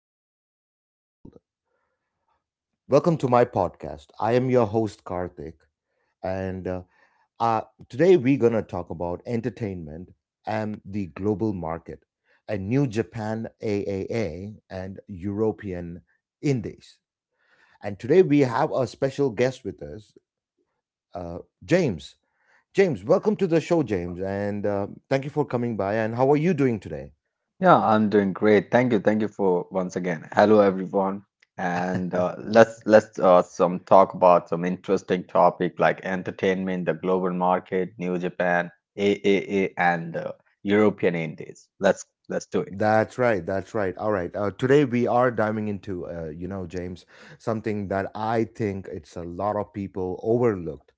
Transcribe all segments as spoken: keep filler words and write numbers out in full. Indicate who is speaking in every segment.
Speaker 1: you are in the part of the world. Welcome to my podcast. I am your host, Karthik, and uh, uh, today we're going to talk about entertainment and the global market and New Japan triple A and European Indies. And today we have a special guest with us, uh, James. James, welcome to the show, James, and uh, thank you for coming by. And how are you doing today?
Speaker 2: Yeah, I'm doing great. Thank you. Thank you for once again. Hello, everyone. And uh, let's let's uh, some talk about some interesting topic like entertainment, the global market, New Japan, A A A, and uh, European Indies. Let's let's do it.
Speaker 1: That's right. That's right. All right. Uh, today we are diving into, uh, you know, James, something that I think it's a lot of people overlooked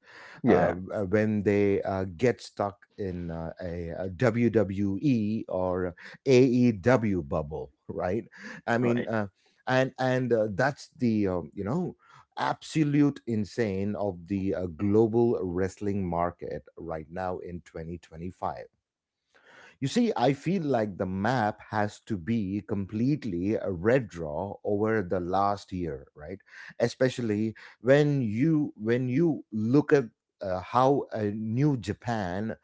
Speaker 1: uh,
Speaker 2: Yeah.
Speaker 1: uh, when they uh, get stuck in uh, a, W W E or A E W bubble, right? I
Speaker 2: Right.
Speaker 1: mean, uh, and and uh, that's the um, you know, absolute insane of the uh, global wrestling market right now in twenty twenty-five. You see, I feel like the map has to be completely a red draw over the last year, right? Especially when you when you look at uh, how a new Japan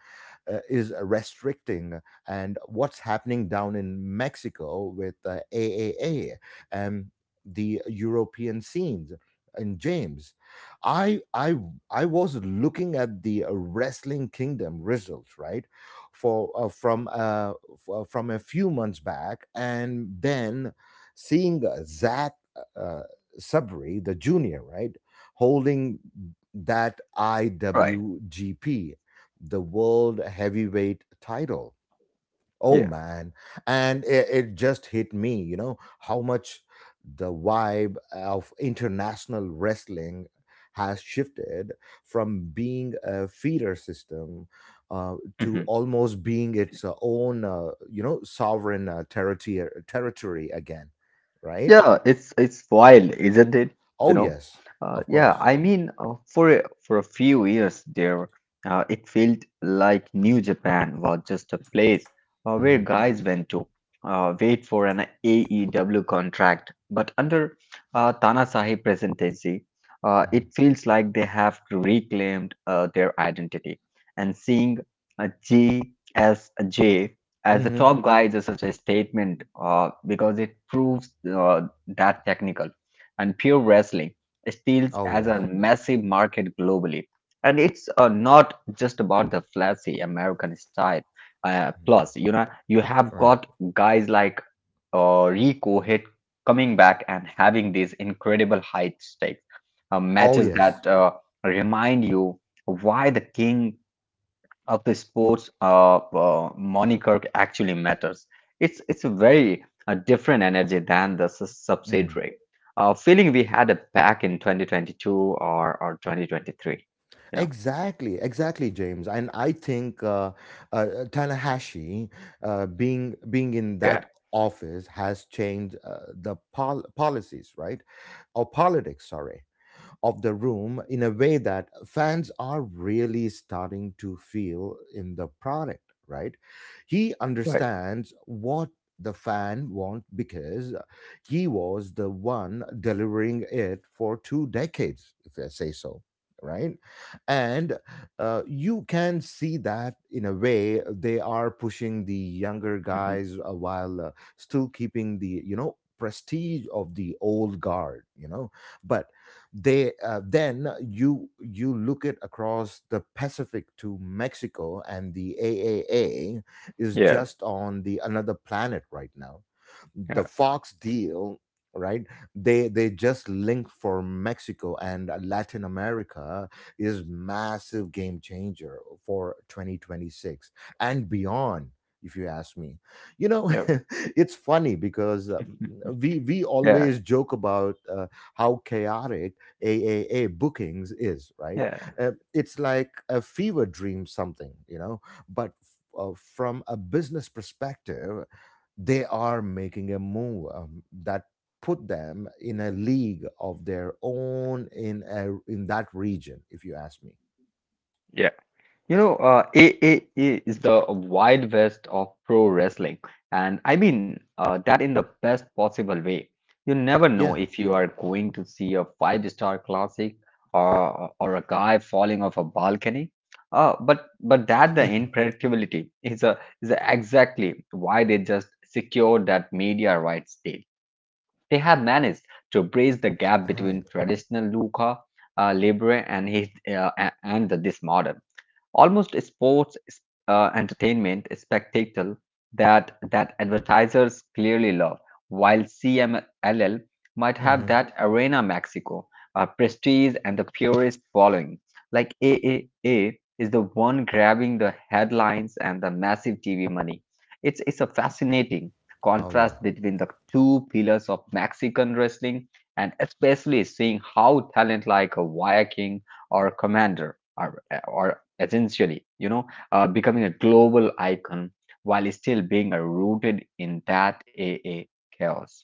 Speaker 1: uh, is restricting, and what's happening down in Mexico with uh, triple A and the European scenes, and James. I I I was looking at the wrestling kingdom results, right, for uh, from uh, f- uh, from a few months back, and then seeing uh, Zach uh, Sabri the junior, right, holding that
Speaker 2: Right.
Speaker 1: I W G P, the world heavyweight title. Oh
Speaker 2: Yeah.
Speaker 1: man, and it, it just hit me, you know, how much the vibe of international wrestling has shifted from being a feeder system, uh, to
Speaker 2: Mhm.
Speaker 1: almost being its uh, own, uh, you know, sovereign uh, territory territory again, right?
Speaker 2: Yeah, it's it's wild, isn't it?
Speaker 1: Oh
Speaker 2: You know,
Speaker 1: yes,
Speaker 2: uh,
Speaker 1: of
Speaker 2: yeah.
Speaker 1: course.
Speaker 2: I mean, uh, for a, for a few years there, uh, it felt like New Japan was just a place uh, where
Speaker 1: Mm-hmm.
Speaker 2: guys went to uh, wait for an A E W contract. But under uh, Tanahashi presidency, uh,
Speaker 1: Mm-hmm.
Speaker 2: it feels like they have reclaimed uh, their identity. And seeing a G S J as the
Speaker 1: Mm-hmm.
Speaker 2: top guy is such a statement uh, because it proves uh, that technical and pure wrestling steals
Speaker 1: Oh
Speaker 2: as a
Speaker 1: yes,
Speaker 2: massive market globally, and it's uh, not just about the flashy American style. Uh, plus, you know, you have
Speaker 1: right.
Speaker 2: got guys like uh, Rico Hit coming back and having these incredible high stakes uh,
Speaker 1: Oh
Speaker 2: matches
Speaker 1: yes.
Speaker 2: that uh, remind you why the king of the sports uh, uh, moniker actually matters. It's it's a very uh, different energy than the s-
Speaker 1: Mhm.
Speaker 2: subsidiary uh, feeling we had it back in twenty twenty-two or or twenty twenty-three. You know.
Speaker 1: Exactly, exactly, James. And I think uh, uh, Tanahashi uh, being being in that
Speaker 2: Yeah,
Speaker 1: office has changed uh, the pol- policies, right? Or politics, sorry, of the room in a way that fans are really starting to feel in the product, right? He
Speaker 2: right.
Speaker 1: understands what the fan want, because he was the one delivering it for two decades, if I say so, right? And uh, you can see that in a way they are pushing the younger
Speaker 2: Mhm.
Speaker 1: guys, uh, while uh, still keeping the, you know, prestige of the old guard, you know, but they uh, then you you look at across the Pacific to Mexico, and the A A A is
Speaker 2: Yeah,
Speaker 1: just on the another planet right now.
Speaker 2: yeah.
Speaker 1: The Fox deal, right? They they just linked for Mexico, and Latin America is massive game changer for twenty twenty-six and beyond. If you ask me, you know,
Speaker 2: Yep.
Speaker 1: it's funny because um, we we
Speaker 2: Yeah,
Speaker 1: always joke about uh, how chaotic a A A bookings is, right?
Speaker 2: yeah.
Speaker 1: Uh, it's like a fever dream, something, you know, but f- uh, from a business perspective, they are making a move um, that put them in a league of their own in a, in that region, if you ask me.
Speaker 2: Yeah. You know, uh, A A A is the Wild West of pro wrestling, and I mean uh, that in the best possible way. You never know
Speaker 1: Yeah.
Speaker 2: if you are going to see a five-star classic or or a guy falling off a balcony. Uh, but but that the unpredictability is a is a exactly why they just secured that media rights deal. They have managed to bridge the gap
Speaker 1: Right.
Speaker 2: between traditional lucha uh, libre and his, uh, a- and this modern, almost sports uh, entertainment spectacle that that advertisers clearly love, while C M L L might have
Speaker 1: Hmm.
Speaker 2: that Arena Mexico uh, prestige and the purist following. Like, A A A is the one grabbing the headlines and the massive T V money. It's it's a fascinating
Speaker 1: Oh yeah.
Speaker 2: contrast between the two pillars of Mexican wrestling, and especially seeing how talent like a Viking or Commander are, or essentially, you know, uh, becoming a global icon while still being uh, rooted in that a a chaos.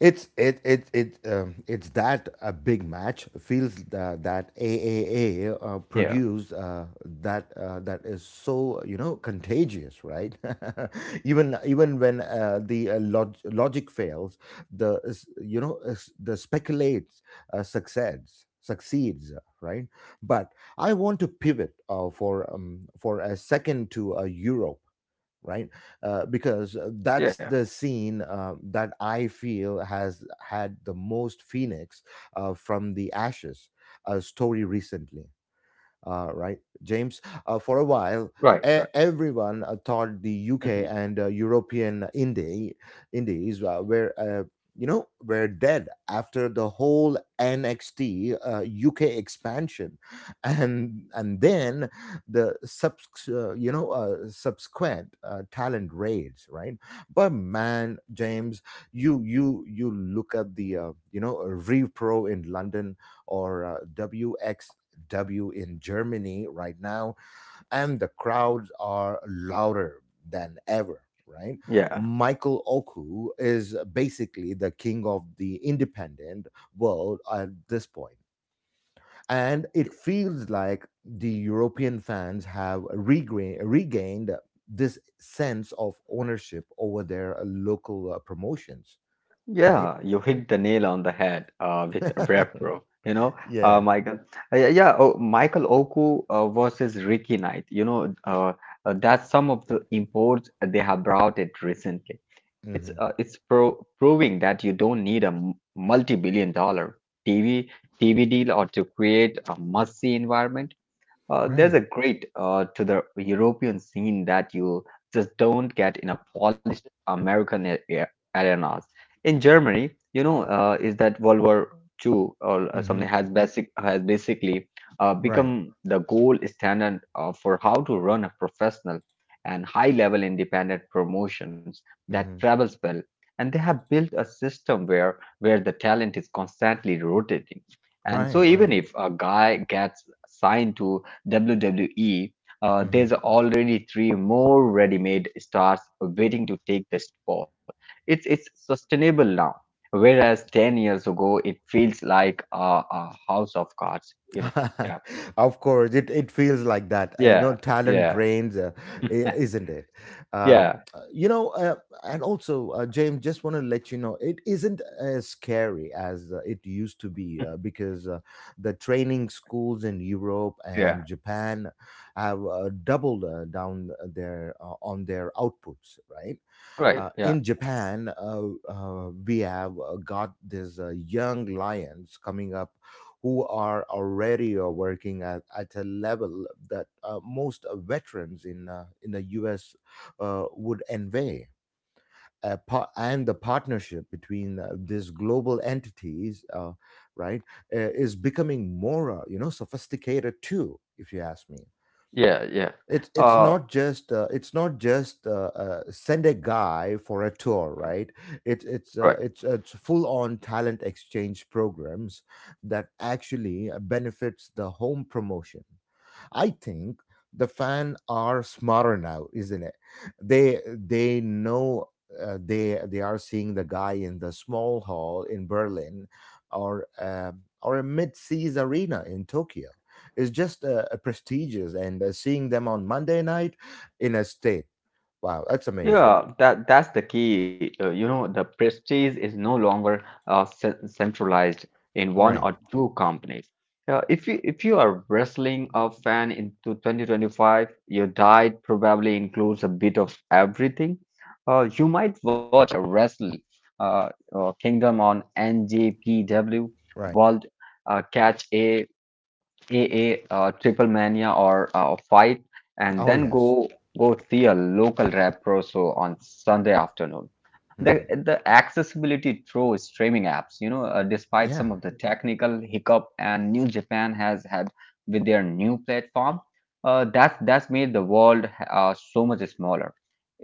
Speaker 1: It's it it it um, It's that a big match feels uh, that A A A uh,
Speaker 2: Yeah.
Speaker 1: produced, uh, that uh, that is so, you know, contagious, right? Even even when uh, the uh, log- logic fails, the is- you know, is- the speculates uh, succeeds succeeds, right? But I want to pivot uh, for um, for a second to uh, euro, right, uh, because uh, that's
Speaker 2: Yeah,
Speaker 1: the scene uh, that I feel has had the most phoenix uh, from the ashes uh, story recently, uh, right, James? Uh, for a while,
Speaker 2: right,
Speaker 1: e-
Speaker 2: right.
Speaker 1: everyone uh, thought the U K
Speaker 2: Mhm.
Speaker 1: and uh, European indie, indies uh, were, uh, you know, were dead after the whole N X T uh, U K expansion, and and then the subs, uh, you know, uh, subsequent uh, talent raids, right? But man, James, you you you look at the, uh, you know, Repro in London, or uh, WXW W in Germany right now, and the crowds are louder than ever. Right,
Speaker 2: Yeah.
Speaker 1: Michael Oku is basically the king of the independent world at this point, and it feels like the European fans have regra- regained this sense of ownership over their uh, local uh, promotions. Right?
Speaker 2: Yeah, you hit the nail on the head uh, with Repro. You know, uh,
Speaker 1: Yeah.
Speaker 2: Michael. Uh, Yeah, yeah. Oh, Michael Oku uh, versus Ricky Knight. You know, uh, uh, that's some of the imports they have brought it recently. It's uh,
Speaker 1: Hmm.
Speaker 2: it's pro proving that you don't need a m- multi-billion dollar T V T V deal or to create a must-see environment. Uh, there's
Speaker 1: Right.
Speaker 2: a great uh, to the European scene that you just don't get in a polished American a- a- arenas. In Germany, you know, uh, is that World War two or uh, something
Speaker 1: Hmm.
Speaker 2: has basic has basically uh,
Speaker 1: Right.
Speaker 2: become the gold standard uh, for how to run a professional and high-level independent promotions that
Speaker 1: Hmm.
Speaker 2: travels well. And they have built a system where where the talent is constantly rotating. And
Speaker 1: Right.
Speaker 2: so even
Speaker 1: Right.
Speaker 2: if a guy gets signed to W W E, uh,
Speaker 1: Hmm.
Speaker 2: there's already three more ready-made stars waiting to take this spot. It's it's sustainable now, whereas ten years ago it feels like a, a house of cards. You know? Yeah.
Speaker 1: Of course it, it feels like that. Uh, you know,
Speaker 2: Yeah.
Speaker 1: talent
Speaker 2: Yeah.
Speaker 1: drains, uh, i- isn't it, um,
Speaker 2: Yeah.
Speaker 1: uh, you know, uh, and also, uh, James, just want to let you know it isn't as scary as uh, it used to be, uh, because uh, the training schools in europe
Speaker 2: Yeah.
Speaker 1: and japan have uh, doubled uh, down uh, their uh, on their outputs, right?
Speaker 2: Right.
Speaker 1: Uh,
Speaker 2: Yeah.
Speaker 1: in Japan, uh, uh, we have uh, got these uh, young lions coming up, who are already uh, working at, at a level that uh, most uh, veterans in, uh, in the U S uh, would envy. Uh, par- and the partnership between uh, these global entities, uh, right, uh, is becoming more, uh, you know, sophisticated too, if you ask me.
Speaker 2: Yeah. Yeah.
Speaker 1: it's it's
Speaker 2: Uh,
Speaker 1: not just uh, it's not just uh, uh, send a guy for a tour, right? It's
Speaker 2: Right.
Speaker 1: it's uh, it's uh, it's full on talent exchange programs that actually uh, benefits the home promotion. I think the fan are smarter now, isn't it? They they know uh, they they are seeing the guy in the small hall in Berlin, or uh, or a mid seas arena in Tokyo. It's just uh, prestigious, and uh, seeing them on Monday night in a state. Wow, that's amazing.
Speaker 2: Yeah, that that's the key. Uh, you know, the prestige is no longer uh, cen- centralized in one
Speaker 1: Right,
Speaker 2: or two companies. Uh, if you if you are wrestling a fan into twenty twenty-five, your diet probably includes a bit of everything. Uh, you might watch a wrestling uh, uh, kingdom on N J P W,
Speaker 1: right.
Speaker 2: World uh, Catch A. A A uh, Triple Mania or uh, Fight, and
Speaker 1: Oh
Speaker 2: then
Speaker 1: yes.
Speaker 2: go go see a local rap pro show on Sunday afternoon. The
Speaker 1: Hmm.
Speaker 2: the accessibility through streaming apps, you know, uh, despite
Speaker 1: Yeah.
Speaker 2: some of the technical hiccup and New Japan has had with their new platform, uh, that's that's made the world uh, so much smaller.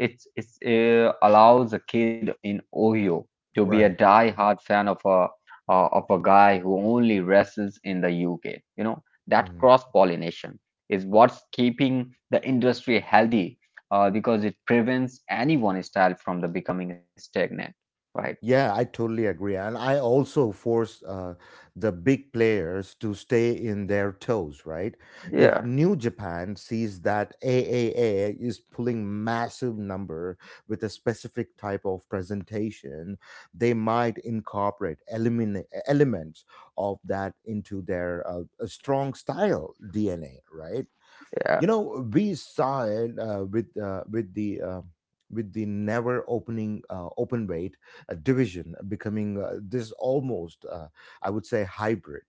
Speaker 2: It's it's uh, allows a kid in Ohio to be a
Speaker 1: Right.
Speaker 2: die-hard fan of a uh, of a guy who only wrestles in the U K. You know that
Speaker 1: Hmm.
Speaker 2: cross-pollination is what's keeping the industry healthy uh, because it prevents any one style from the becoming stagnant, right?
Speaker 1: Yeah, I totally agree. And I also force uh, the big players to stay in their toes, right? If
Speaker 2: Yeah.
Speaker 1: New Japan sees that triple A is pulling massive number with a specific type of presentation, they might incorporate elimin- elements of that into their uh, a strong style D N A, right? You
Speaker 2: Yeah.
Speaker 1: know, we saw it uh, with uh, with the uh, with the never opening uh, open weight uh, division becoming uh, this almost, uh, I would say, hybrid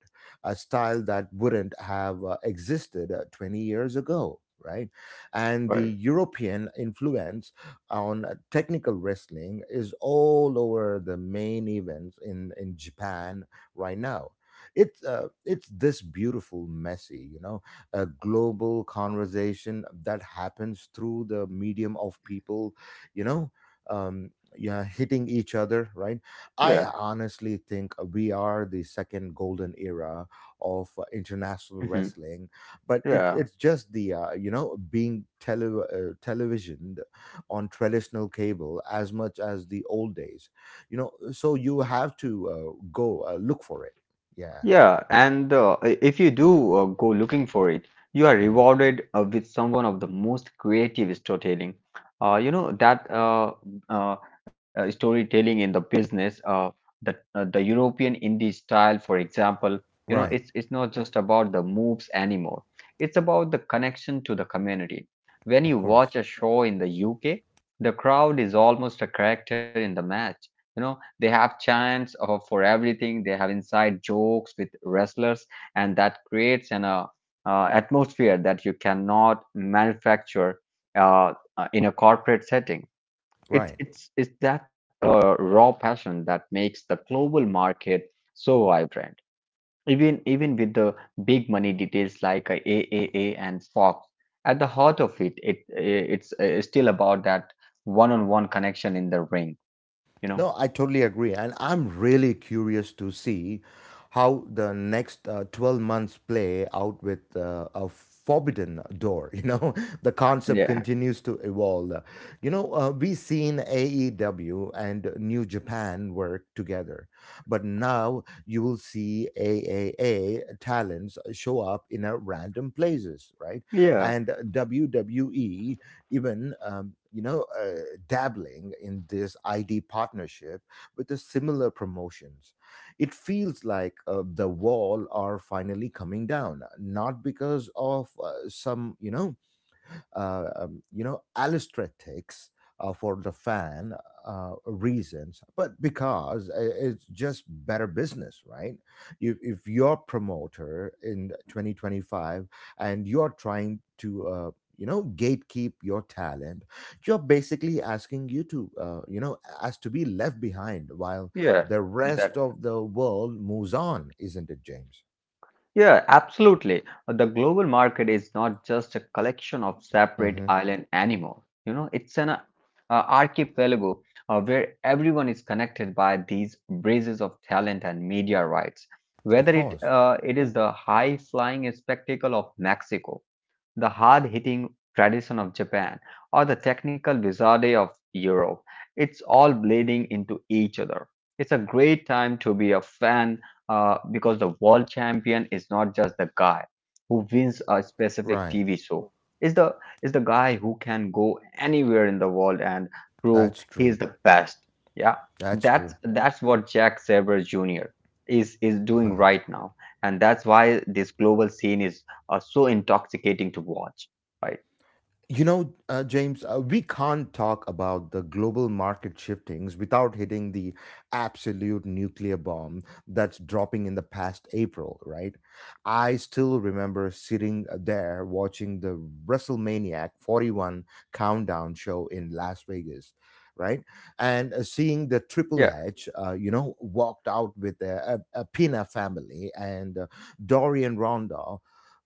Speaker 1: a style that wouldn't have uh, existed uh, twenty years ago, right? And the
Speaker 2: Right.
Speaker 1: european influence on uh, technical wrestling is all over the main events in in japan right now. It's uh, it's this beautiful messy, you know, a global conversation that happens through the medium of people, you know, um, yeah, hitting each other, right?
Speaker 2: Yeah.
Speaker 1: I honestly think we are the second golden era of uh, international
Speaker 2: Mhm.
Speaker 1: wrestling, but it,
Speaker 2: Yeah.
Speaker 1: it's just the, uh, you know, being tele- uh, televisioned on traditional cable as much as the old days, you know, so you have to uh, go uh, look for it. Yeah.
Speaker 2: Yeah, and uh, i- if you do uh, go looking for it, you are
Speaker 1: Mm.
Speaker 2: rewarded uh, with some one of the most creative storytelling. Uh, you know that uh, uh, uh, storytelling in the business, uh, the uh, the European indie style, for example, you know,
Speaker 1: Right.
Speaker 2: it's it's not just about the moves anymore. It's about the connection to the community. When
Speaker 1: Of
Speaker 2: you watch
Speaker 1: course.
Speaker 2: a show in the U K, the crowd is almost a character in the match. You know, they have chants of, for everything. They have inside jokes with wrestlers, and that creates an uh, uh, atmosphere that you cannot manufacture uh, uh, in a corporate setting. It's
Speaker 1: Right.
Speaker 2: it's it's that uh, raw passion that makes the global market so vibrant. Even even with the big money details like uh, A A A and Fox, at the heart of it, it it's uh, still about that one-on-one connection in the ring. You know?
Speaker 1: No, I totally agree. And I'm really curious to see how the next uh, twelve months play out with uh, a forbidden door. You know, the concept
Speaker 2: Yeah.
Speaker 1: continues to evolve. You know, uh, we've seen A E W and New Japan work together, but now you will see triple A talents show up in a random places, right?
Speaker 2: Yeah.
Speaker 1: And W W E even um, you know, uh, dabbling in this I D partnership with the similar promotions. It feels like uh, the wall are finally coming down, not because of uh, some, you know, uh, um, you know, aesthetics uh, for the fan uh, reasons, but because i- it's just better business, right? If, if you're promoter in twenty twenty-five and you're trying to, uh, you know, gatekeep your talent, you're basically asking you to, uh, you know, as to be left behind while
Speaker 2: Yeah,
Speaker 1: the rest
Speaker 2: exactly.
Speaker 1: of the world moves on, isn't it, James?
Speaker 2: Yeah, absolutely. The global market is not just a collection of separate
Speaker 1: Mm-hmm.
Speaker 2: island anymore. You know, it's an uh, archipelago uh, where everyone is connected by these bridges of talent and media rights.
Speaker 1: Of
Speaker 2: Whether it
Speaker 1: course.
Speaker 2: uh, it is the high flying spectacle of Mexico, the hard-hitting tradition of Japan, or the technical wizardry of Europe. It's all bleeding into each other. It's a great time to be a fan uh, because the world champion is not just the guy who wins a specific
Speaker 1: Right.
Speaker 2: T V show. It's the is the guy who can go anywhere in the world and prove
Speaker 1: That's
Speaker 2: he is
Speaker 1: true.
Speaker 2: the best. Yeah,
Speaker 1: That's
Speaker 2: that's
Speaker 1: true.
Speaker 2: that's what Jack Sabre Junior is is doing right now, and that's why this global scene is are so intoxicating to watch, right?
Speaker 1: You know, uh, James, uh, we can't talk about the global market shiftings without hitting the absolute nuclear bomb that's dropping in the past April, right? I still remember sitting uh, there watching the WrestleManiac forty-one countdown show in Las Vegas, right? And uh, seeing the Triple
Speaker 2: Yeah,
Speaker 1: H, uh, you know, walked out with a, a, a Pina family, and uh, Dorian Ronda.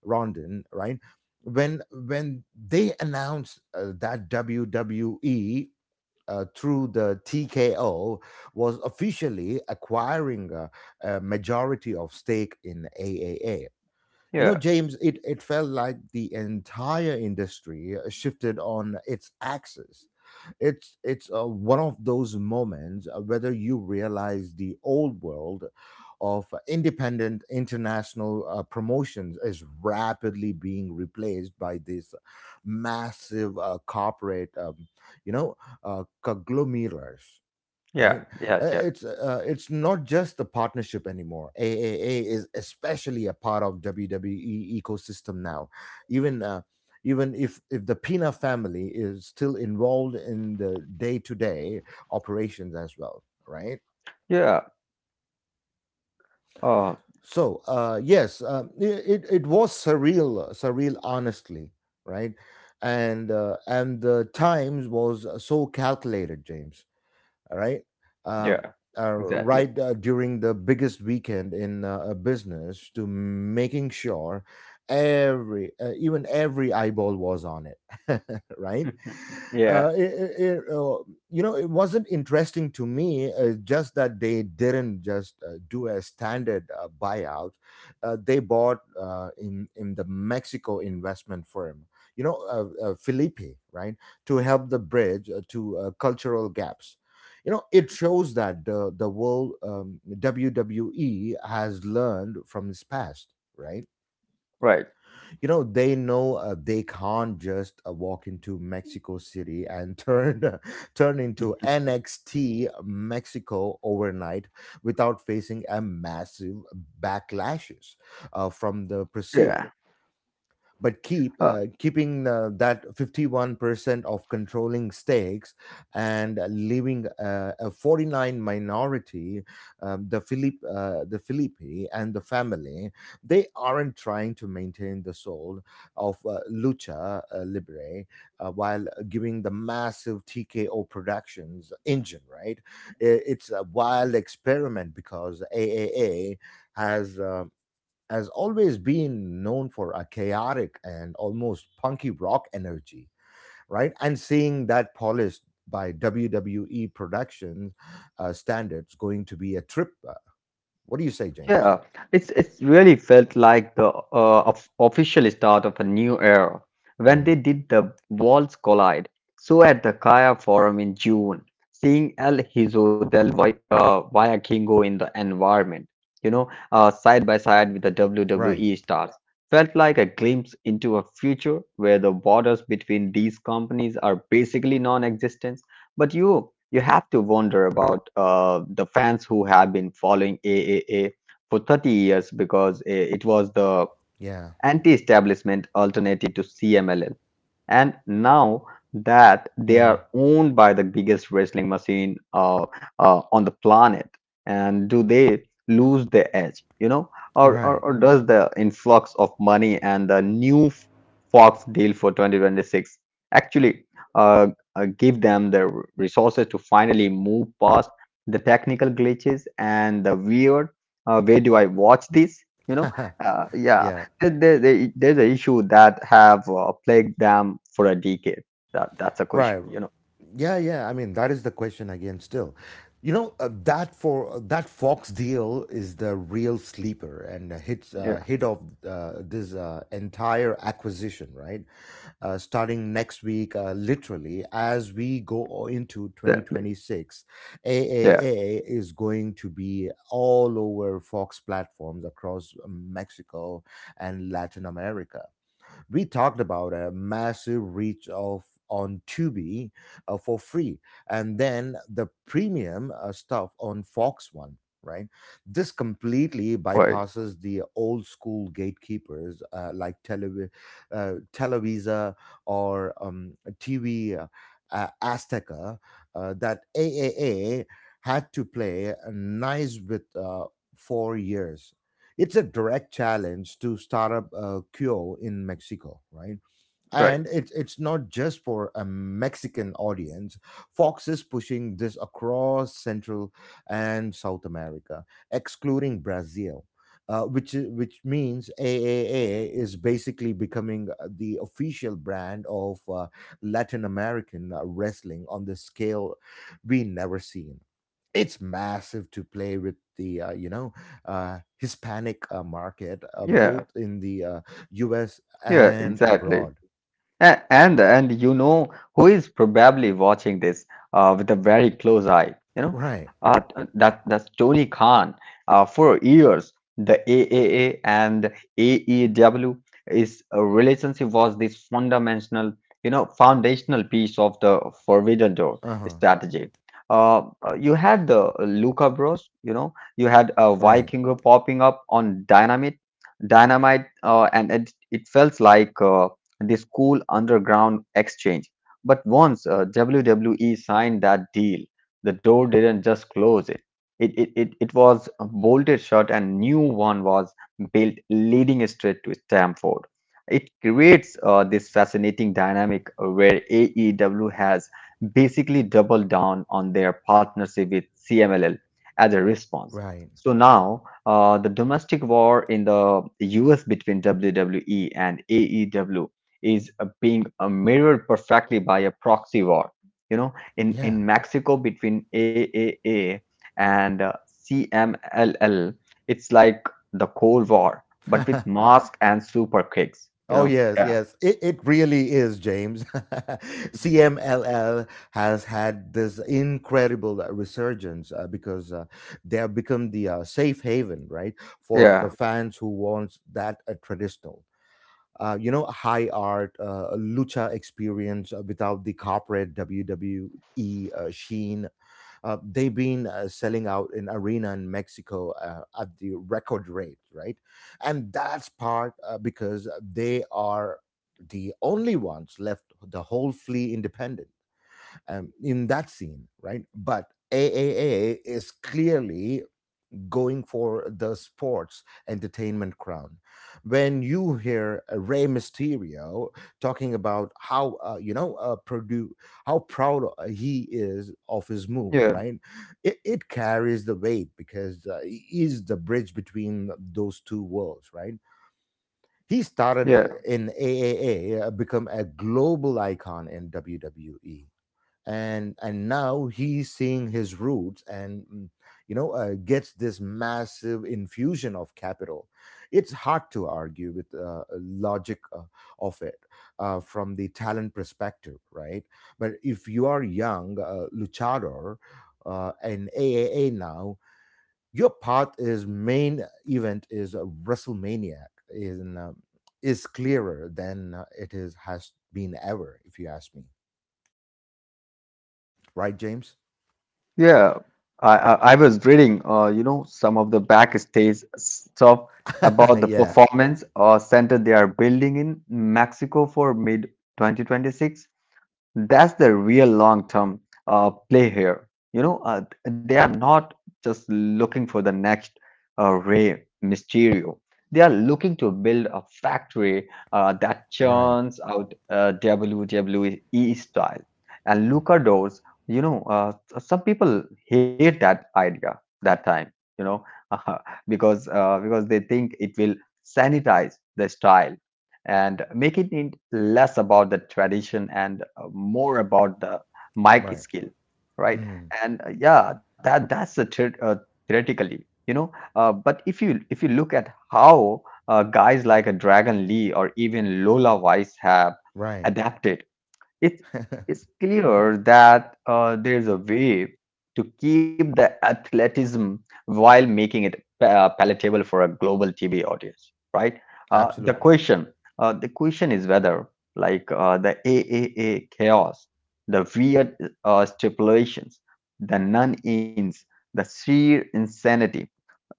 Speaker 1: Rondon, right? when when they announced uh, that W W E uh, through the T K O was officially acquiring a, a majority of stake in triple A. You know,
Speaker 2: yeah,
Speaker 1: James, it, it felt like the entire industry uh, shifted on its axis. It's it's uh, one of those moments uh, whether you realize the old world of independent international uh, promotions is rapidly being replaced by this massive uh, corporate, um, you know, uh, conglomerates, right.
Speaker 2: yeah,
Speaker 1: Uh,
Speaker 2: yeah, yeah,
Speaker 1: it's uh, it's not just the partnership anymore. AAA is especially a part of WWE ecosystem now, even uh, even if if the Pina family is still involved in the day-to-day operations as well, right?
Speaker 2: yeah. Uh,
Speaker 1: So uh yes, um, i- it it was surreal, surreal honestly, right. And uh, and the times was so calculated, James, all right. um,
Speaker 2: yeah,
Speaker 1: uh,
Speaker 2: exactly.
Speaker 1: right, uh, during the biggest weekend in uh, a business, to making sure every uh, even every eyeball was on it right.
Speaker 2: Yeah,
Speaker 1: uh, it, it, it, uh, you know, it wasn't interesting to me uh, just that they didn't just uh, do a standard uh, buyout. Uh, they bought uh, in in the Mexico investment firm, you know, uh, uh, Felipe, right, to help the bridge uh, to uh, cultural gaps. You know, it shows that the the world, um, WWE, has learned from its past, right.
Speaker 2: right.
Speaker 1: You know, they know uh, they can't just uh, walk into Mexico City and turn turn into NXT Mexico overnight without facing a massive backlashes uh, from the pursuit.
Speaker 2: Yeah.
Speaker 1: But keep
Speaker 2: Uh,
Speaker 1: uh, keeping uh, that fifty-one percent of controlling stakes and leaving uh, a forty-nine minority. um, the Philip uh, the Filippi and the family, they aren't trying to maintain the soul of uh, lucha uh, libre, uh, while giving the massive T K O productions engine, right. I- it's a wild experiment because triple A has um, has always been known for a chaotic and almost punky rock energy, right? And seeing that polished by W W E production uh, standards going to be a trip. uh, What do you say, James?
Speaker 2: Yeah, it's it's really felt like the uh, of- official start of a new era when they
Speaker 1: Hmm.
Speaker 2: did the Worlds Collide. So at the Kaya Forum in June, seeing El Hizo del Vi- uh, Vikingo in the environment, you know, uh, side by side with the
Speaker 1: Right.
Speaker 2: W W E stars, felt like a glimpse into a future where the borders between these companies are basically non-existent. But you you have to wonder about uh, the fans who have been following A A A for thirty years because eh, it was the
Speaker 1: Yeah.
Speaker 2: anti-establishment alternative to C M L L. And now that they
Speaker 1: Hmm.
Speaker 2: are owned by the biggest wrestling machine uh, uh, on the planet, and do they lose their edge? You know, or, or
Speaker 1: Right.
Speaker 2: or does the influx of money and the new f- Fox deal for twenty twenty-six actually uh, uh, give them the r- resources to finally move past the technical glitches and the weird? Uh, where do I watch this? You know, uh, yeah,
Speaker 1: Yeah.
Speaker 2: there- there- there- there's an issue that have uh, plagued them for a decade. That that's a
Speaker 1: Right.
Speaker 2: question, you know.
Speaker 1: Yeah, yeah. I mean, that is the question again. Still, you know, uh, that for uh, that Fox deal is the real sleeper and uh, hits uh,
Speaker 2: Yeah,
Speaker 1: hit of uh, this uh, entire acquisition, right? Uh, starting next week, uh, literally, as we go into
Speaker 2: exactly.
Speaker 1: twenty twenty-six,
Speaker 2: Yeah,
Speaker 1: triple A is going to be all over Fox platforms across Mexico and Latin America. We talked about a massive reach of on Tubi uh, for free, and then the premium uh, stuff on Fox One. Right, this completely
Speaker 2: right,
Speaker 1: bypasses the old school gatekeepers uh, like Televi- uh, Televisa, or um, T V, uh, uh, Azteca, uh, that triple A had to play nice with uh, for years. It's a direct challenge to startup uh, Q O in Mexico, right?
Speaker 2: right.
Speaker 1: And it's it's not just for a Mexican audience. Fox is pushing this across Central and South America, excluding Brazil. Uh, which i- which means triple A is basically becoming uh, the official brand of uh, Latin American uh, wrestling on the scale we never seen. It's massive to play with the uh, you know, uh, Hispanic uh, market, uh,
Speaker 2: Yeah,
Speaker 1: both in the uh, U S
Speaker 2: yeah,
Speaker 1: and
Speaker 2: exactly.
Speaker 1: abroad.
Speaker 2: A- And and you know who is probably watching this uh, with a very close eye. You know,
Speaker 1: Right.
Speaker 2: uh, t- that that's Tony Khan. Uh, for years, the A A A and A E W is a relationship was this fundamental, you know, foundational piece of the Forbidden Door
Speaker 1: Uh huh.
Speaker 2: strategy. Uh, uh, you had the Luca Bros. You know, you had a
Speaker 1: Right.
Speaker 2: Vikingo popping up on Dynamite, Dynamite, uh, and it, it felt like. Uh, the School Underground Exchange. But once uh, W W E signed that deal, the door didn't just close it. It, it, it, it was bolted shut, and new one was built leading straight to Stamford. It creates uh, this fascinating dynamic where A E W has basically doubled down on their partnership with C M L L as a response.
Speaker 1: Right.
Speaker 2: So now, uh, the domestic war in the U S between W W E and A E W is uh, being uh, mirrored perfectly by a proxy war. You know, in,
Speaker 1: Yeah.
Speaker 2: in Mexico between A A A and uh, C M L L, it's like the Cold War, but with mask and super kicks. You
Speaker 1: Oh
Speaker 2: know.
Speaker 1: yes,
Speaker 2: Yeah.
Speaker 1: yes. It it really is, James. C M L L has had this incredible uh, resurgence uh, because uh, they have become the uh, safe haven, right, for the
Speaker 2: Yeah.
Speaker 1: fans who want that uh, traditional, uh, you know, high art, uh, lucha experience uh, without the corporate W W E uh, sheen. Uh, they've been uh, selling out in arena in Mexico uh, at the record rate, right? And that's part uh, because they are the only ones left, the whole flea independent um, in that scene, right? But triple A is clearly going for the sports entertainment crown. When you hear uh, Rey Mysterio talking about how uh, you know, uh, Purdue, how proud uh, he is of his move,
Speaker 2: Yeah.
Speaker 1: right? It, it carries the weight because uh, he is the bridge between those two worlds, right? He started
Speaker 2: Yeah.
Speaker 1: in triple A, uh, become a global icon in W W E, and and now he's seeing his roots and mm, you know, uh, gets this massive infusion of capital. It's hard to argue with uh, uh, logic uh, of it, uh, from the talent perspective, right? But if you are young uh, luchador, uh, and AAA now, your path is main event, is uh, WrestleMania, is um, is clearer than uh, it is has been ever, if you ask me, right, James?
Speaker 2: Yeah. I, I, I was reading, uh, you know, some of the backstage stuff about the
Speaker 1: Yeah.
Speaker 2: performance uh, center they are building in Mexico for mid twenty twenty-six. That's the real long-term uh, play here. You know, uh, they are not just looking for the next uh, Rey Mysterio. They are looking to build a factory uh, that
Speaker 1: Right.
Speaker 2: churns out uh, W W E style and Luchadors, you know. Uh, some people hate that idea that time, you know, because uh, because they think it will sanitize the style and make it in less about the tradition and uh, more about the mic
Speaker 1: Right.
Speaker 2: skill, right?
Speaker 1: Mhm.
Speaker 2: And uh, yeah, that that's the theor- uh, theoretically, you know. Uh, but if you if you look at how uh, guys like a Dragon Lee or even Lola Weiss have
Speaker 1: Right.
Speaker 2: adapted, it is clear that uh, there is a way to keep the athleticism while making it pa- palatable for a global T V audience, right? Uh, the
Speaker 1: Absolutely.
Speaker 2: question, uh, the question is whether, like uh, the A A A chaos, the weird uh, stipulations, the non-ins, the sheer insanity,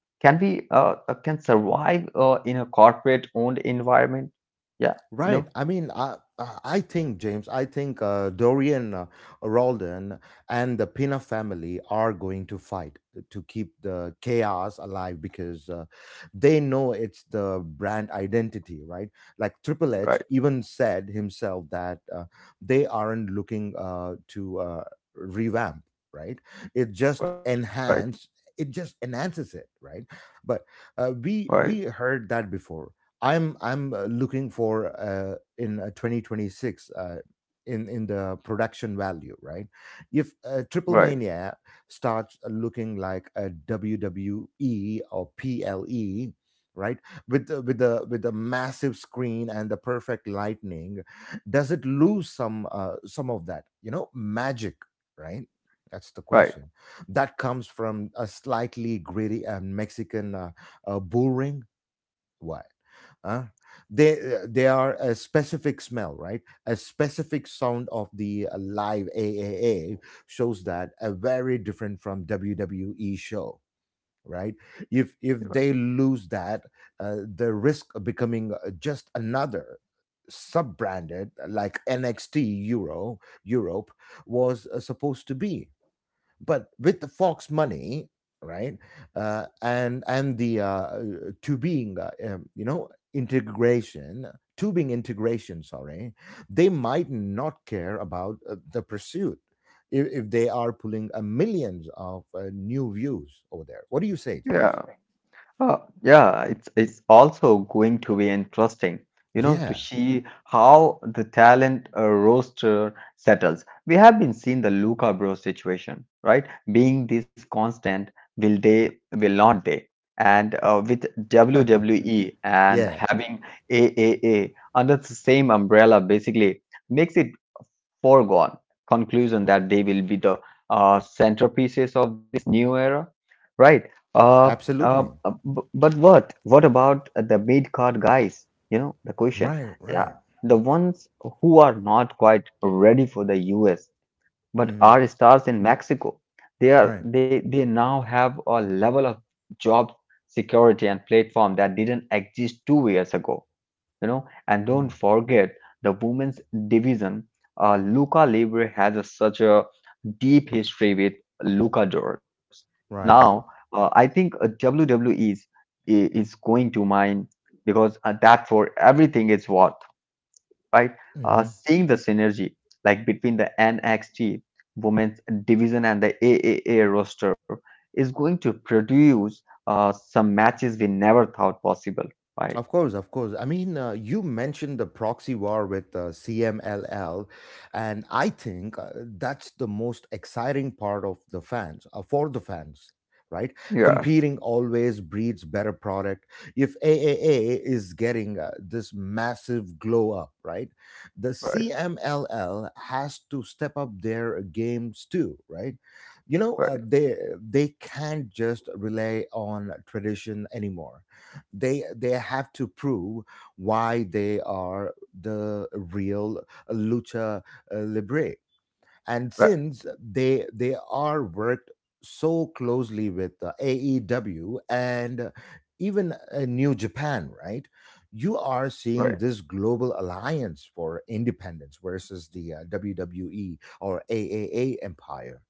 Speaker 2: can we uh, uh, can survive uh, in a corporate-owned environment? Yeah, you
Speaker 1: Right.
Speaker 2: know,
Speaker 1: I mean, I I I think, James, I think uh, Dorian uh, Rolden and the Pina family are going to fight to keep the chaos alive because uh, they know it's the brand identity, right? Like Triple H
Speaker 2: right,
Speaker 1: even said himself that uh, they aren't looking uh, to uh, revamp, right? It just
Speaker 2: right,
Speaker 1: enhance. It just enhances it, right? But uh,
Speaker 2: right,
Speaker 1: we we heard that before. I'm I'm uh, looking for uh, in uh, twenty twenty-six uh, in in the production value, right? If uh, Triple
Speaker 2: right,
Speaker 1: Mania starts looking like a W W E or P L E, right, with the, with the with the massive screen and the perfect lightning, does it lose some uh, some of that, you know, magic, right? That's the
Speaker 2: right.
Speaker 1: question. That comes from a slightly gritty uh, Mexican uh, uh, bullring. What, uh, they, uh, they are a specific smell, right, a specific sound of the uh, live AAA shows that a very different from WWE show, right. If if they lose that, uh, the risk of becoming uh, just another sub branded like NXT Euro Europe was uh, supposed to be. But with the Fox money, right, uh, and and the uh, tubing, uh, um, you know, integration, tubing integration, sorry, they might not care about uh, the pursuit if, if they are pulling uh, millions of uh, new views over there. What do you say,
Speaker 2: Yeah.
Speaker 1: James?
Speaker 2: Uh, yeah, it's it's also going to be interesting, you know, to
Speaker 1: Yeah,
Speaker 2: see how the talent uh, roster settles. We have been seeing the Luca Bro situation, right? Being this constant, will they, will not they? And uh, with W W E and
Speaker 1: yeah,
Speaker 2: having A A A under the same umbrella, basically makes it foregone conclusion that they will be the uh, centerpieces of this new era, right? Uh, uh,
Speaker 1: absolutely.
Speaker 2: uh, b- but what? What about the mid card guys? You know, the question.
Speaker 1: Right, right,
Speaker 2: Uh, the ones who are not quite ready for the U S but
Speaker 1: hmm,
Speaker 2: are stars in Mexico. They are
Speaker 1: right,
Speaker 2: they, they now have a level of job security and platform that didn't exist two years ago. You know, and don't
Speaker 1: mhm,
Speaker 2: forget the women's division. Uh, luca libre has a, such a deep history with luchadors now.
Speaker 1: right.
Speaker 2: uh, I think uh, WWE is i- is going to mine because uh, that for everything is worth, right? Uh,
Speaker 1: Hmm.
Speaker 2: seeing the synergy like between the NXT women's division and the AAA roster is going to produce uh, some matches we never thought possible, right?
Speaker 1: Of course, of course. I mean, uh, you mentioned the proxy war with uh, C M L L, and I think uh, that's the most exciting part of the fans, uh, for the fans, right?
Speaker 2: Yeah,
Speaker 1: Competing always breeds better product. If triple A is getting uh, this massive glow up, right? The
Speaker 2: right,
Speaker 1: C M L L has to step up their games too, right? You know, uh,
Speaker 2: right.
Speaker 1: they they can't just rely on tradition anymore. They they have to prove why they are the real lucha uh, libre. And
Speaker 2: Right,
Speaker 1: since they they are worked so closely with uh, A E W and even uh, New Japan, right, you are
Speaker 2: right.
Speaker 1: seeing this global alliance for independence versus the uh, W W E or triple A empire.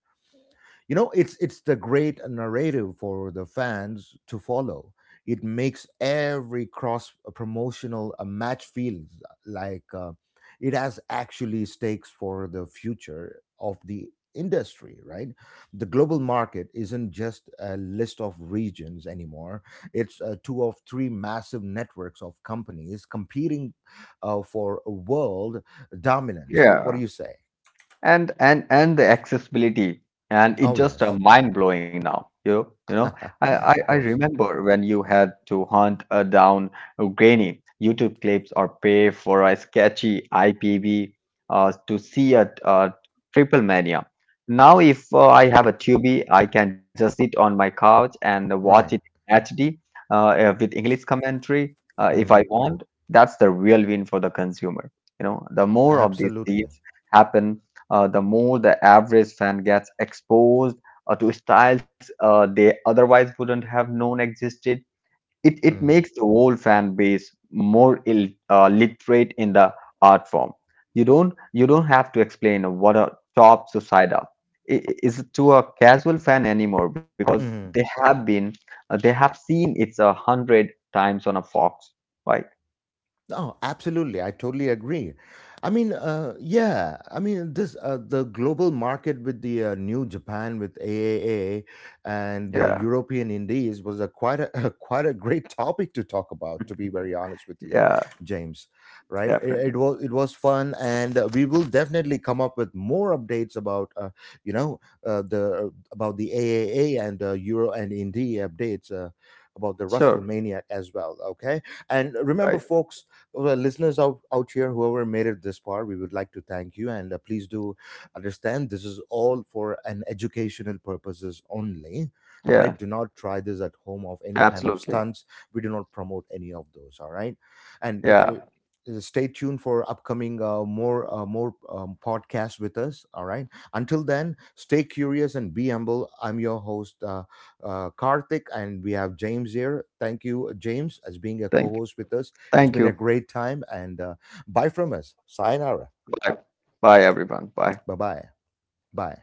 Speaker 1: You know, it's it's the great narrative for the fans to follow. It makes every cross uh, promotional a match feels uh, like uh, it has actually stakes for the future of the industry, right. The global market isn't just a list of regions anymore. It's uh, two of three massive networks of companies competing uh, for world dominance. What do
Speaker 2: Yeah,
Speaker 1: you say?
Speaker 2: and and and the accessibility, and it's
Speaker 1: Oh
Speaker 2: just a
Speaker 1: yes.
Speaker 2: mind blowing now. you you know, I, I i
Speaker 1: Of course.
Speaker 2: remember when you had to hunt uh, down grainy YouTube clips or pay for a sketchy IPV uh, to see a, uh Triple Mania. Now if uh, I have a Tubi I can just sit on my couch and watch it
Speaker 1: Right.
Speaker 2: in HD, uh, uh, with English commentary uh, if I
Speaker 1: Mm-hmm.
Speaker 2: want. That's the real win for the consumer. You know, the more of these
Speaker 1: Absolutely.
Speaker 2: deals happen, uh, the more the average fan gets exposed uh, to styles uh, they otherwise wouldn't have known existed. It, it
Speaker 1: Mm-hmm.
Speaker 2: makes the whole fan base more Ill, uh, literate in the art form. You don't you don't have to explain what a top suicida i- i- is to a casual fan anymore because they
Speaker 1: Mm-hmm.
Speaker 2: have been uh, they have seen it a hundred times on a Fox, right?
Speaker 1: Oh, absolutely. I totally agree. I mean, uh, yeah. I mean, this uh, the global market with the uh, new Japan with triple A and uh,
Speaker 2: Yeah,
Speaker 1: European Indies was a quite a, a quite a great topic to talk about. To be very honest with you,
Speaker 2: yeah,
Speaker 1: James, right? It, it
Speaker 2: definitely.
Speaker 1: was it was fun, and uh, we will definitely come up with more updates about uh, you know uh, the uh, about the triple A and uh, Euro and Indie updates uh, about the
Speaker 2: Sure,
Speaker 1: WrestleMania as well. Okay, and remember,
Speaker 2: right.
Speaker 1: folks, well, listeners out, out here, whoever made it this far, we would like to thank you. And uh, please do understand this is all for an educational purposes only. All right. Do
Speaker 2: Yeah,
Speaker 1: not try this at home of any kind of
Speaker 2: absolutely.
Speaker 1: stunts. We do not promote any of those. All right. And if
Speaker 2: Yeah.
Speaker 1: you uh, stay tuned for upcoming uh, more uh, more um, podcasts with us. All right. Until then, stay curious and be humble. I'm your host, uh, uh, Karthik, and we have James here. Thank you, James, as being a
Speaker 2: Thank you.
Speaker 1: co-host with us. It's
Speaker 2: Thank
Speaker 1: been a
Speaker 2: you.
Speaker 1: great time, and uh, bye from us. Sayonara.
Speaker 2: Bye. Bye, everyone. Bye.
Speaker 1: Bye bye. Bye.